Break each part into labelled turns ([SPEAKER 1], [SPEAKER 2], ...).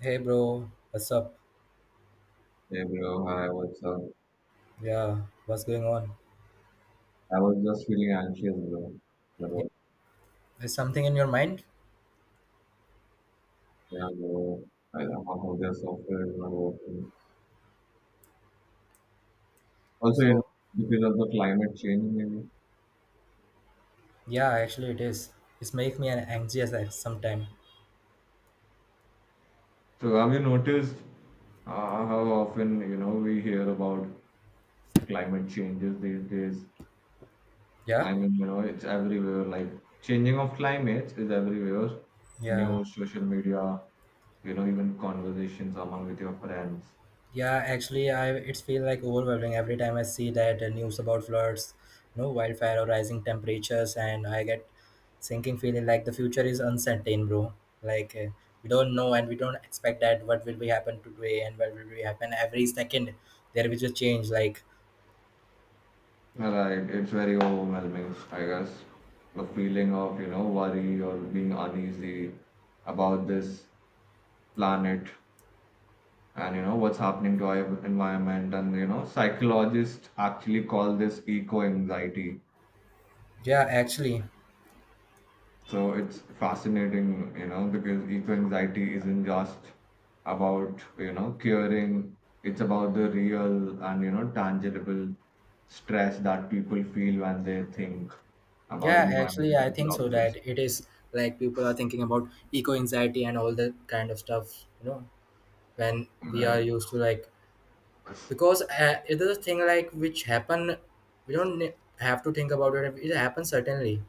[SPEAKER 1] Hey bro, what's up?
[SPEAKER 2] Hey bro, hi, what's up?
[SPEAKER 1] Yeah, what's going on?
[SPEAKER 2] I was just feeling anxious, bro.
[SPEAKER 1] Yeah,
[SPEAKER 2] Bro,
[SPEAKER 1] is something in your mind?
[SPEAKER 2] yeah, bro. I don't know how their software is not working. Also, you know,
[SPEAKER 1] So,
[SPEAKER 2] because of the climate change, maybe.
[SPEAKER 1] yeah, actually it is. It's make me an anxious at sometime.
[SPEAKER 2] So, have you noticed how often, you know, we hear about climate changes these days?
[SPEAKER 1] Yeah,
[SPEAKER 2] I mean, you know, it's everywhere. Like, changing of climate is everywhere.
[SPEAKER 1] yeah,
[SPEAKER 2] News, social media, you know, even conversations among with your friends.
[SPEAKER 1] yeah. Actually, I it's feel like overwhelming every time I see that news about floods, wildfire or rising temperatures, and I get sinking feeling like the future is uncertain, bro. Like we don't know and we don't expect that what will be happen today and what will be happen every second. There will be a change. Like
[SPEAKER 2] Right, it's very overwhelming, I guess. The feeling of, you know, worry or being uneasy about this planet and, you know, what's happening to our environment. And, you know, psychologists actually call this eco anxiety.
[SPEAKER 1] yeah, actually.
[SPEAKER 2] So it's fascinating, you know, because eco anxiety isn't just about, you know, curing, it's about the real and, you know, tangible stress that people feel when they think about
[SPEAKER 1] Yeah, actually, I
[SPEAKER 2] environmental
[SPEAKER 1] think so that
[SPEAKER 2] problems.
[SPEAKER 1] it is like people are thinking about eco anxiety and all that kind of stuff, you know, when we are
[SPEAKER 2] Right.
[SPEAKER 1] used to like because it is a thing like which happen, we don't have to think about it. It happens certainly,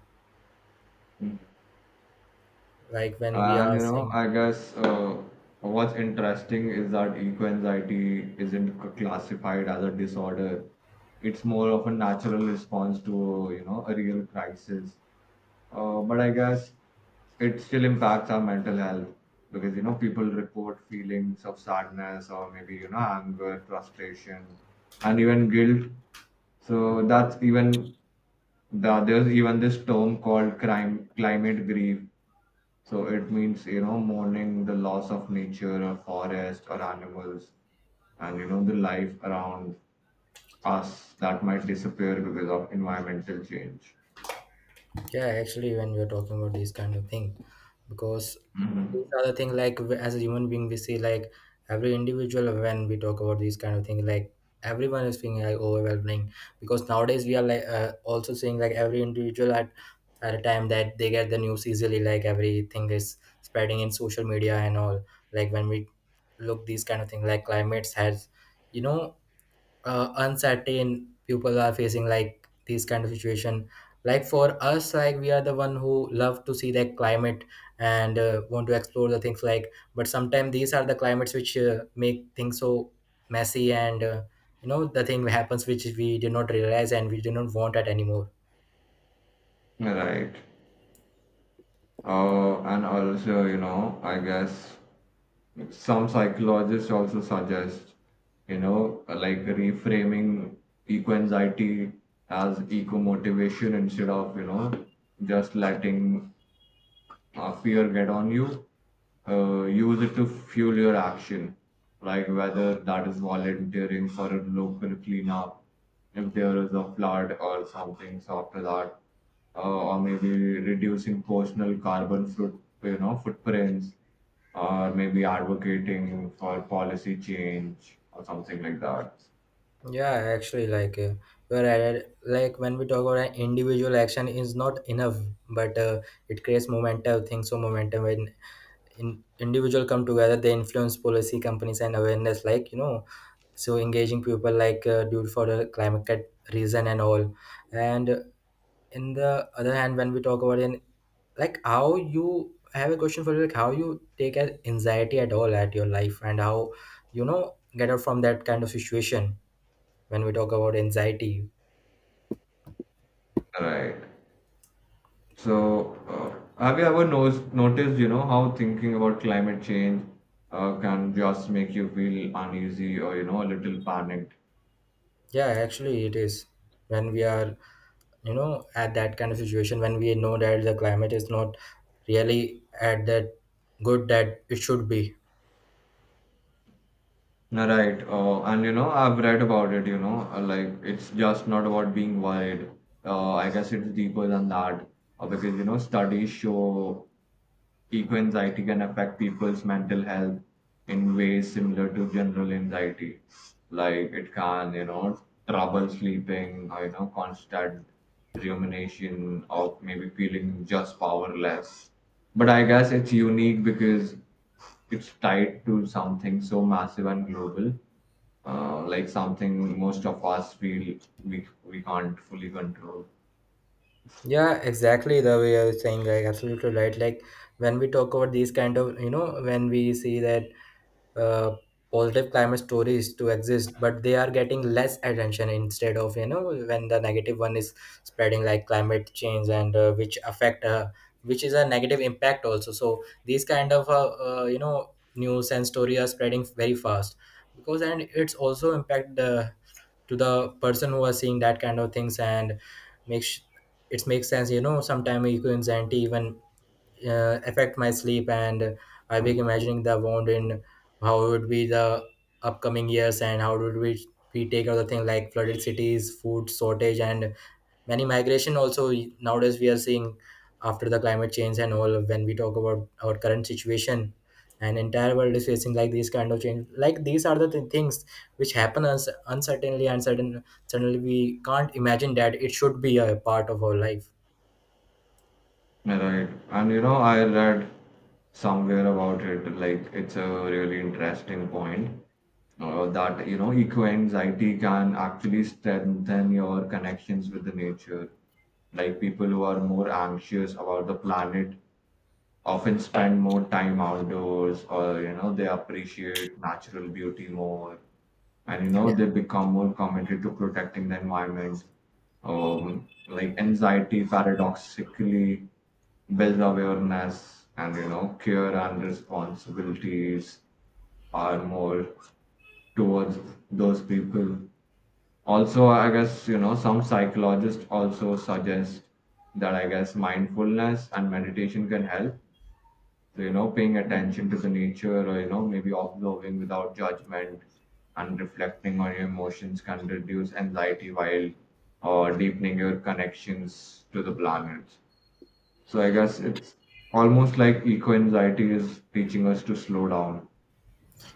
[SPEAKER 1] like when we
[SPEAKER 2] And
[SPEAKER 1] are
[SPEAKER 2] you know,
[SPEAKER 1] saying,
[SPEAKER 2] I guess what's interesting is that eco-anxiety isn't classified as a disorder. It's more of a natural response to, you know, a real crisis. But I guess it still impacts our mental health because, you know, people report feelings of sadness or maybe, you know, anger, frustration, and even guilt. So that's even there's even this term called climate grief. So it means, you know, mourning the loss of nature or forest or animals and, you know, the life around us that might disappear because of environmental change.
[SPEAKER 1] yeah, actually, when we are talking about these kind of thing, because these
[SPEAKER 2] Mhm.
[SPEAKER 1] are the thing like as a human being we see like every individual when we talk about these kind of thing like everyone is feeling like overwhelming, because nowadays we are like also seeing like every individual at a time that they get the news easily, like everything is spreading in social media and all. Like when we look these kind of thing, like climates has, you know, uncertain, people are facing like these kind of situation, like for us, like we are the one who love to see the climate and want to explore the things, like but sometimes these are the climates which make things so messy and you know the thing happens which we did not realize and we do not want it anymore.
[SPEAKER 2] Right. And also, you know, I guess some psychologists also suggest, you know, like reframing eco anxiety as eco motivation instead of, you know, just letting fear get on you, use it to fuel your action. Like whether that is volunteering for a local cleanup, if there is a flood or something, so after that, or maybe reducing personal you know, footprints, or maybe advocating for policy change or something like that.
[SPEAKER 1] Yeah, actually, like you're right, like when we talk about, an individual action is not enough, but it creates momentum things, so momentum in individual come together, they influence policy companies and awareness, like you know. So engaging people like dude for the climate reason and all, and in the other hand when we talk about in, like how you, I have a question for you, like how you take an anxiety at all at your life and how get out from that kind of situation, when we talk about anxiety.
[SPEAKER 2] Right. So, have you ever noticed, you know, how thinking about climate change can just make you feel uneasy or, you know, a little panicked?
[SPEAKER 1] Yeah, actually it is, when we are, you know, at that kind of situation when we know that the climate is not really at that good that it should be.
[SPEAKER 2] Right. And, you know, I've read about it, you know, like it's just not about being worried. I guess it's deeper than that. Because, you know, studies show eco anxiety can affect people's mental health in ways similar to general anxiety. Like it can, you know, trouble sleeping, or, you know, constant rumination or maybe feeling just powerless. But I guess it's unique because it's tied to something so massive and global, like something most of us feel we can't fully control.
[SPEAKER 1] Yeah, exactly the way I was saying, like absolutely right. Like when we talk about these kind of, you know, when we see that uh, positive climate stories to exist, but they are getting less attention instead of, you know, when the negative one is spreading like climate change and which which is a negative impact also. So these kind of, you know, news and story are spreading very fast because, and it's also impact the to the person who was seeing that kind of things, and makes, it makes sense, you know, sometimes equines and even affect my sleep, and I began imagining the wound in how would be the upcoming years, and how would we take other thing like flooded cities, food shortage and many migration also. Nowadays we are seeing, after the climate change and all, when we talk about our current situation and entire world is facing like these kind of change, like these are the things which happen us uncertainly and certain, suddenly we can't imagine that it should be a part of our life.
[SPEAKER 2] Right. And you know, I read somewhere about it, like it's a really interesting point that you know, eco-anxiety can actually strengthen your connections with the nature. Like people who are more anxious about the planet often spend more time outdoors, or you know, they appreciate natural beauty more, and you
[SPEAKER 1] Yeah,
[SPEAKER 2] know, they become more committed to protecting the environment. Like anxiety paradoxically build awareness and you know care and responsibilities are more towards those people. Also, I guess, you know, some psychologists also suggest that I guess mindfulness and meditation can help. So you know, paying attention to the nature or you know maybe observing without judgment and reflecting on your emotions can reduce anxiety while deepening your connections to the planet. So I guess it's almost like eco-anxiety is teaching us to slow down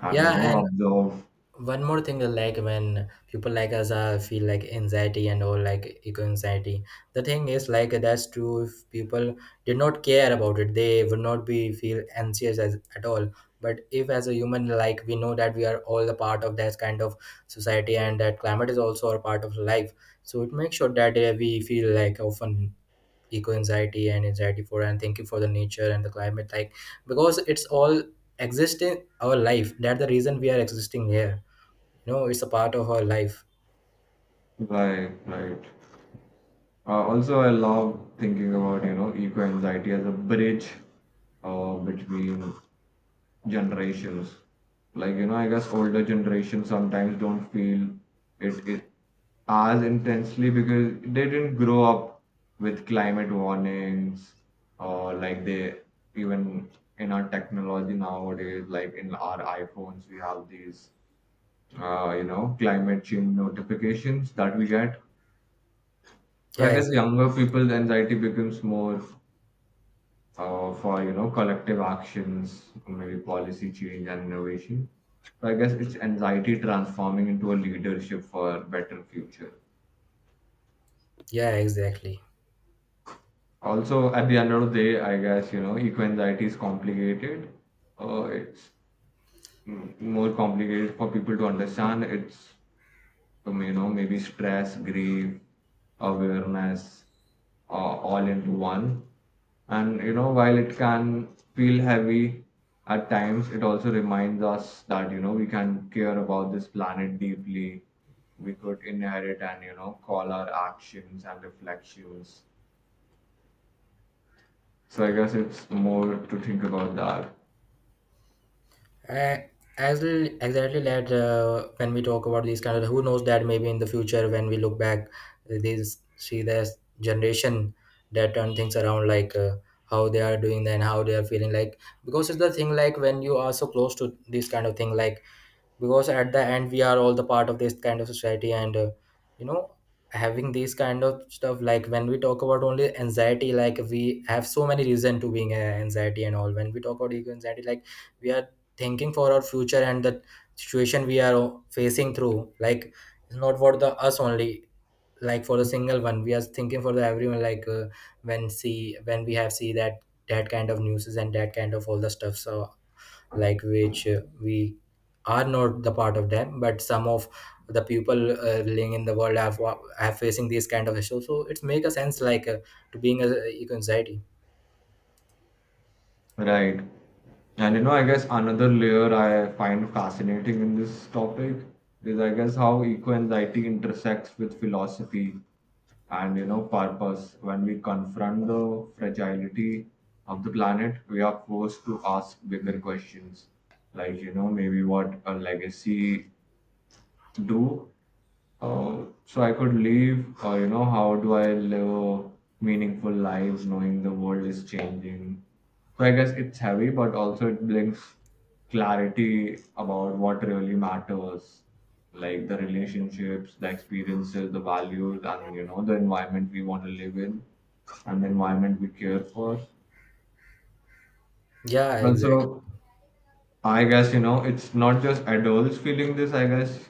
[SPEAKER 2] and you know
[SPEAKER 1] yeah.
[SPEAKER 2] observe.
[SPEAKER 1] One more thing, like when people like us feel like anxiety and all like eco anxiety, the thing is like, that's true, if people did not care about it they would not be feel anxious as, at all. But if as a human, like we know that we are all a part of that kind of society, and that climate is also a part of life, so it makes sure that we feel like often eco anxiety and anxiety for and thinking for the nature and the climate, like because it's all exist in our life, that's the reason we are existing here. No, it's a part of our life.
[SPEAKER 2] Right, right. Also, I love thinking about you know eco-anxiety as a bridge between generations. Like you know I guess older generations sometimes don't feel it as intensely because they didn't grow up with climate warnings, or like they even in our technology nowadays, like in our iPhones we have these you know climate change notifications that we get. So I
[SPEAKER 1] Yeah,
[SPEAKER 2] guess
[SPEAKER 1] exactly.
[SPEAKER 2] younger people's anxiety becomes more for you know collective actions, maybe policy change and innovation. So I guess it's anxiety transforming into a leadership for a better future.
[SPEAKER 1] Yeah, exactly.
[SPEAKER 2] Also, at the end of the day, I guess you know eco anxiety is complicated. It's more complicated for people to understand. It's from you know maybe stress, grief, awareness, all into one. And you know, while it can feel heavy at times, it also reminds us that you know we can care about this planet deeply. We could inherit and you know call our actions and reflections. So I guess it's more to think about that.
[SPEAKER 1] I, exactly, exactly that when we talk about these kind of, who knows that maybe in the future when we look back, these see this generation that turn things around, like how they are doing, then how they are feeling like. Because it's the thing like when you are so close to this kind of thing, like because at the end we are all the part of this kind of society, and you know, having these kind of stuff, like when we talk about only anxiety, like we have so many reason to being anxiety and all. When we talk about ego anxiety, like we are thinking for our future and the situation we are facing through, like it's not for the us only, like for the single one we are thinking for the everyone, like when see, when we have see that that kind of news and that kind of all the stuff, so like which we are not the part of them, but some of the people living in the world have facing these kind of issues, so it's make a sense like to being a eco anxiety.
[SPEAKER 2] Right. And you know, I guess another layer I find fascinating in this topic is, I guess, how eco anxiety intersects with philosophy and, you know, purpose. When we confront the fragility of the planet, we are forced to ask bigger questions, like, you know, maybe what a legacy do so I could leave, or you know, how do I live a meaningful lives knowing the world is changing? So I guess it's heavy, but also it brings clarity about what really matters, like the relationships, the experiences, the values, and you know, the environment we want to live in and the environment we care for.
[SPEAKER 1] Yeah, exactly.
[SPEAKER 2] Also, I guess, you know, it's not just adults feeling this. I guess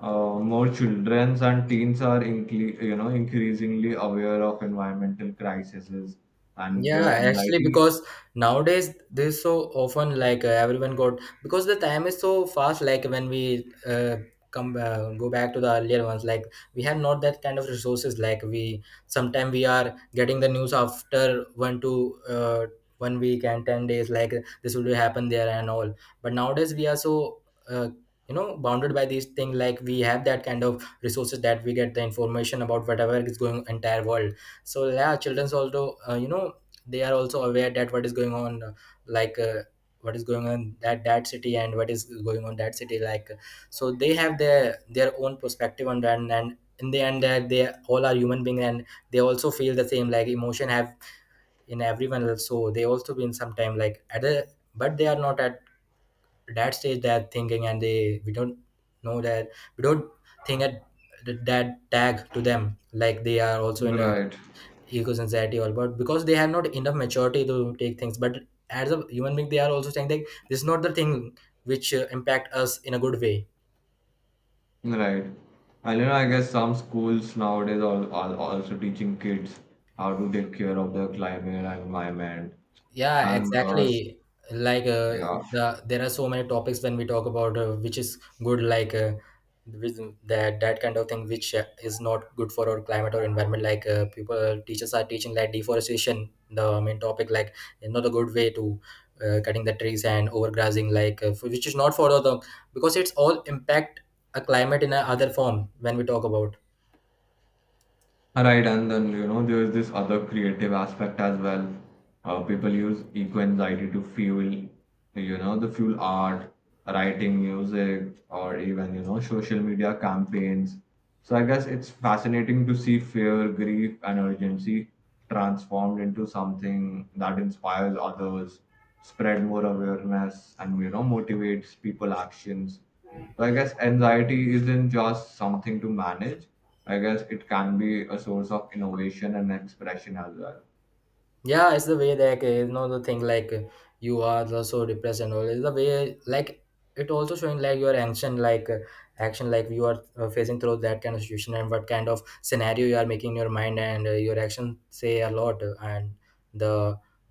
[SPEAKER 2] more childrens and teens are incre you know, increasingly aware of environmental crises and
[SPEAKER 1] Yeah,
[SPEAKER 2] their
[SPEAKER 1] actually,
[SPEAKER 2] anxiety.
[SPEAKER 1] because nowadays this so often, like everyone got, because the time is so fast. Like when we come go back to the earlier ones, like we have not that kind of resources. Like we sometimes we are getting the news after one to 1 week and 10 days. Like this will happen there and all. But nowadays we are so. Uh, you know, bounded by these things, like we have that kind of resources that we get the information about whatever is going entire world. So yeah, children's also you know, they are also aware that what is going on, like uh, what is going on that city, and what is going on that city, like so they have their own perspective on that, and in the end that they all are human beings, and they also feel the same like emotion have in everyone else, so they also been sometime like at a, but they are not at that stage, they're thinking, and they, we don't know that, we don't think at that tag to them, like they are also in a
[SPEAKER 2] Right,
[SPEAKER 1] egos anxiety all about, because they have not enough maturity to take things, but as a human being they are also saying that this is not the thing which impact us in a good way.
[SPEAKER 2] right. And you know, I guess some schools nowadays are also teaching kids how to take care of their climate and environment.
[SPEAKER 1] Yeah,
[SPEAKER 2] And uh,
[SPEAKER 1] exactly. Like
[SPEAKER 2] yeah,
[SPEAKER 1] there are so many topics when we talk about which is good, like with that kind of thing, which is not good for our climate or environment. Like teachers are teaching like deforestation, the main topic, like is not a good way to cutting the trees and overgrazing, like which is not for the, because it's all impact a climate in a other form when we talk about.
[SPEAKER 2] Right, and then you know there's this other creative aspect as well. People use eco anxiety to fuel, you know, the fuel art, writing, music, or even you know social media campaigns. So I guess it's fascinating to see fear, grief, and urgency transformed into something that inspires others, spread more awareness, and you know motivates people actions. So I guess anxiety isn't just something to manage. I guess it can be a source of innovation and expression as well.
[SPEAKER 1] Yeah, it's the way like you know the thing like you are the so depressed and all. It's the way like it also showing like your action, like you are facing through that kind of situation, and what kind of scenario you are making in your mind, and your action say a lot and the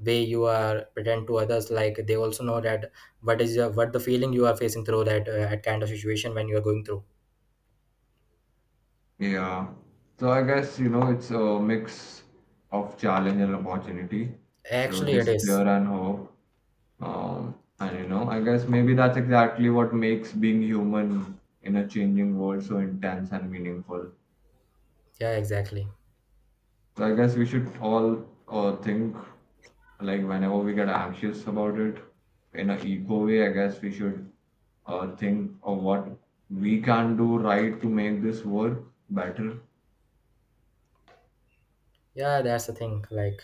[SPEAKER 1] way you are pretend to others, like they also know that what is what the feeling you are facing through that that kind of situation when you are going through.
[SPEAKER 2] Yeah. So I guess, you know, it's a mix of challenge and opportunity. So
[SPEAKER 1] Actually, it is.
[SPEAKER 2] despair and hope. Um, and, you know, I guess maybe that's exactly what makes being human in a changing world so intense and meaningful.
[SPEAKER 1] Yeah, exactly.
[SPEAKER 2] So I guess we should all think like whenever we get anxious about it in an eco way. I guess we should think of what we can do right to make this work better.
[SPEAKER 1] Yeah, that's the thing like,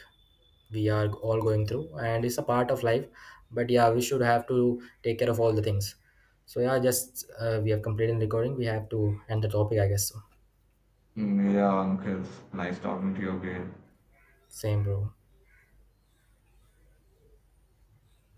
[SPEAKER 1] we are all going through, and it's a part of life, but yeah we should have to take care of all the things. So yeah, just we have completed recording, we have to end the topic, I guess so.
[SPEAKER 2] Mm, yeah, uncles. Nice talking to you again.
[SPEAKER 1] Same bro.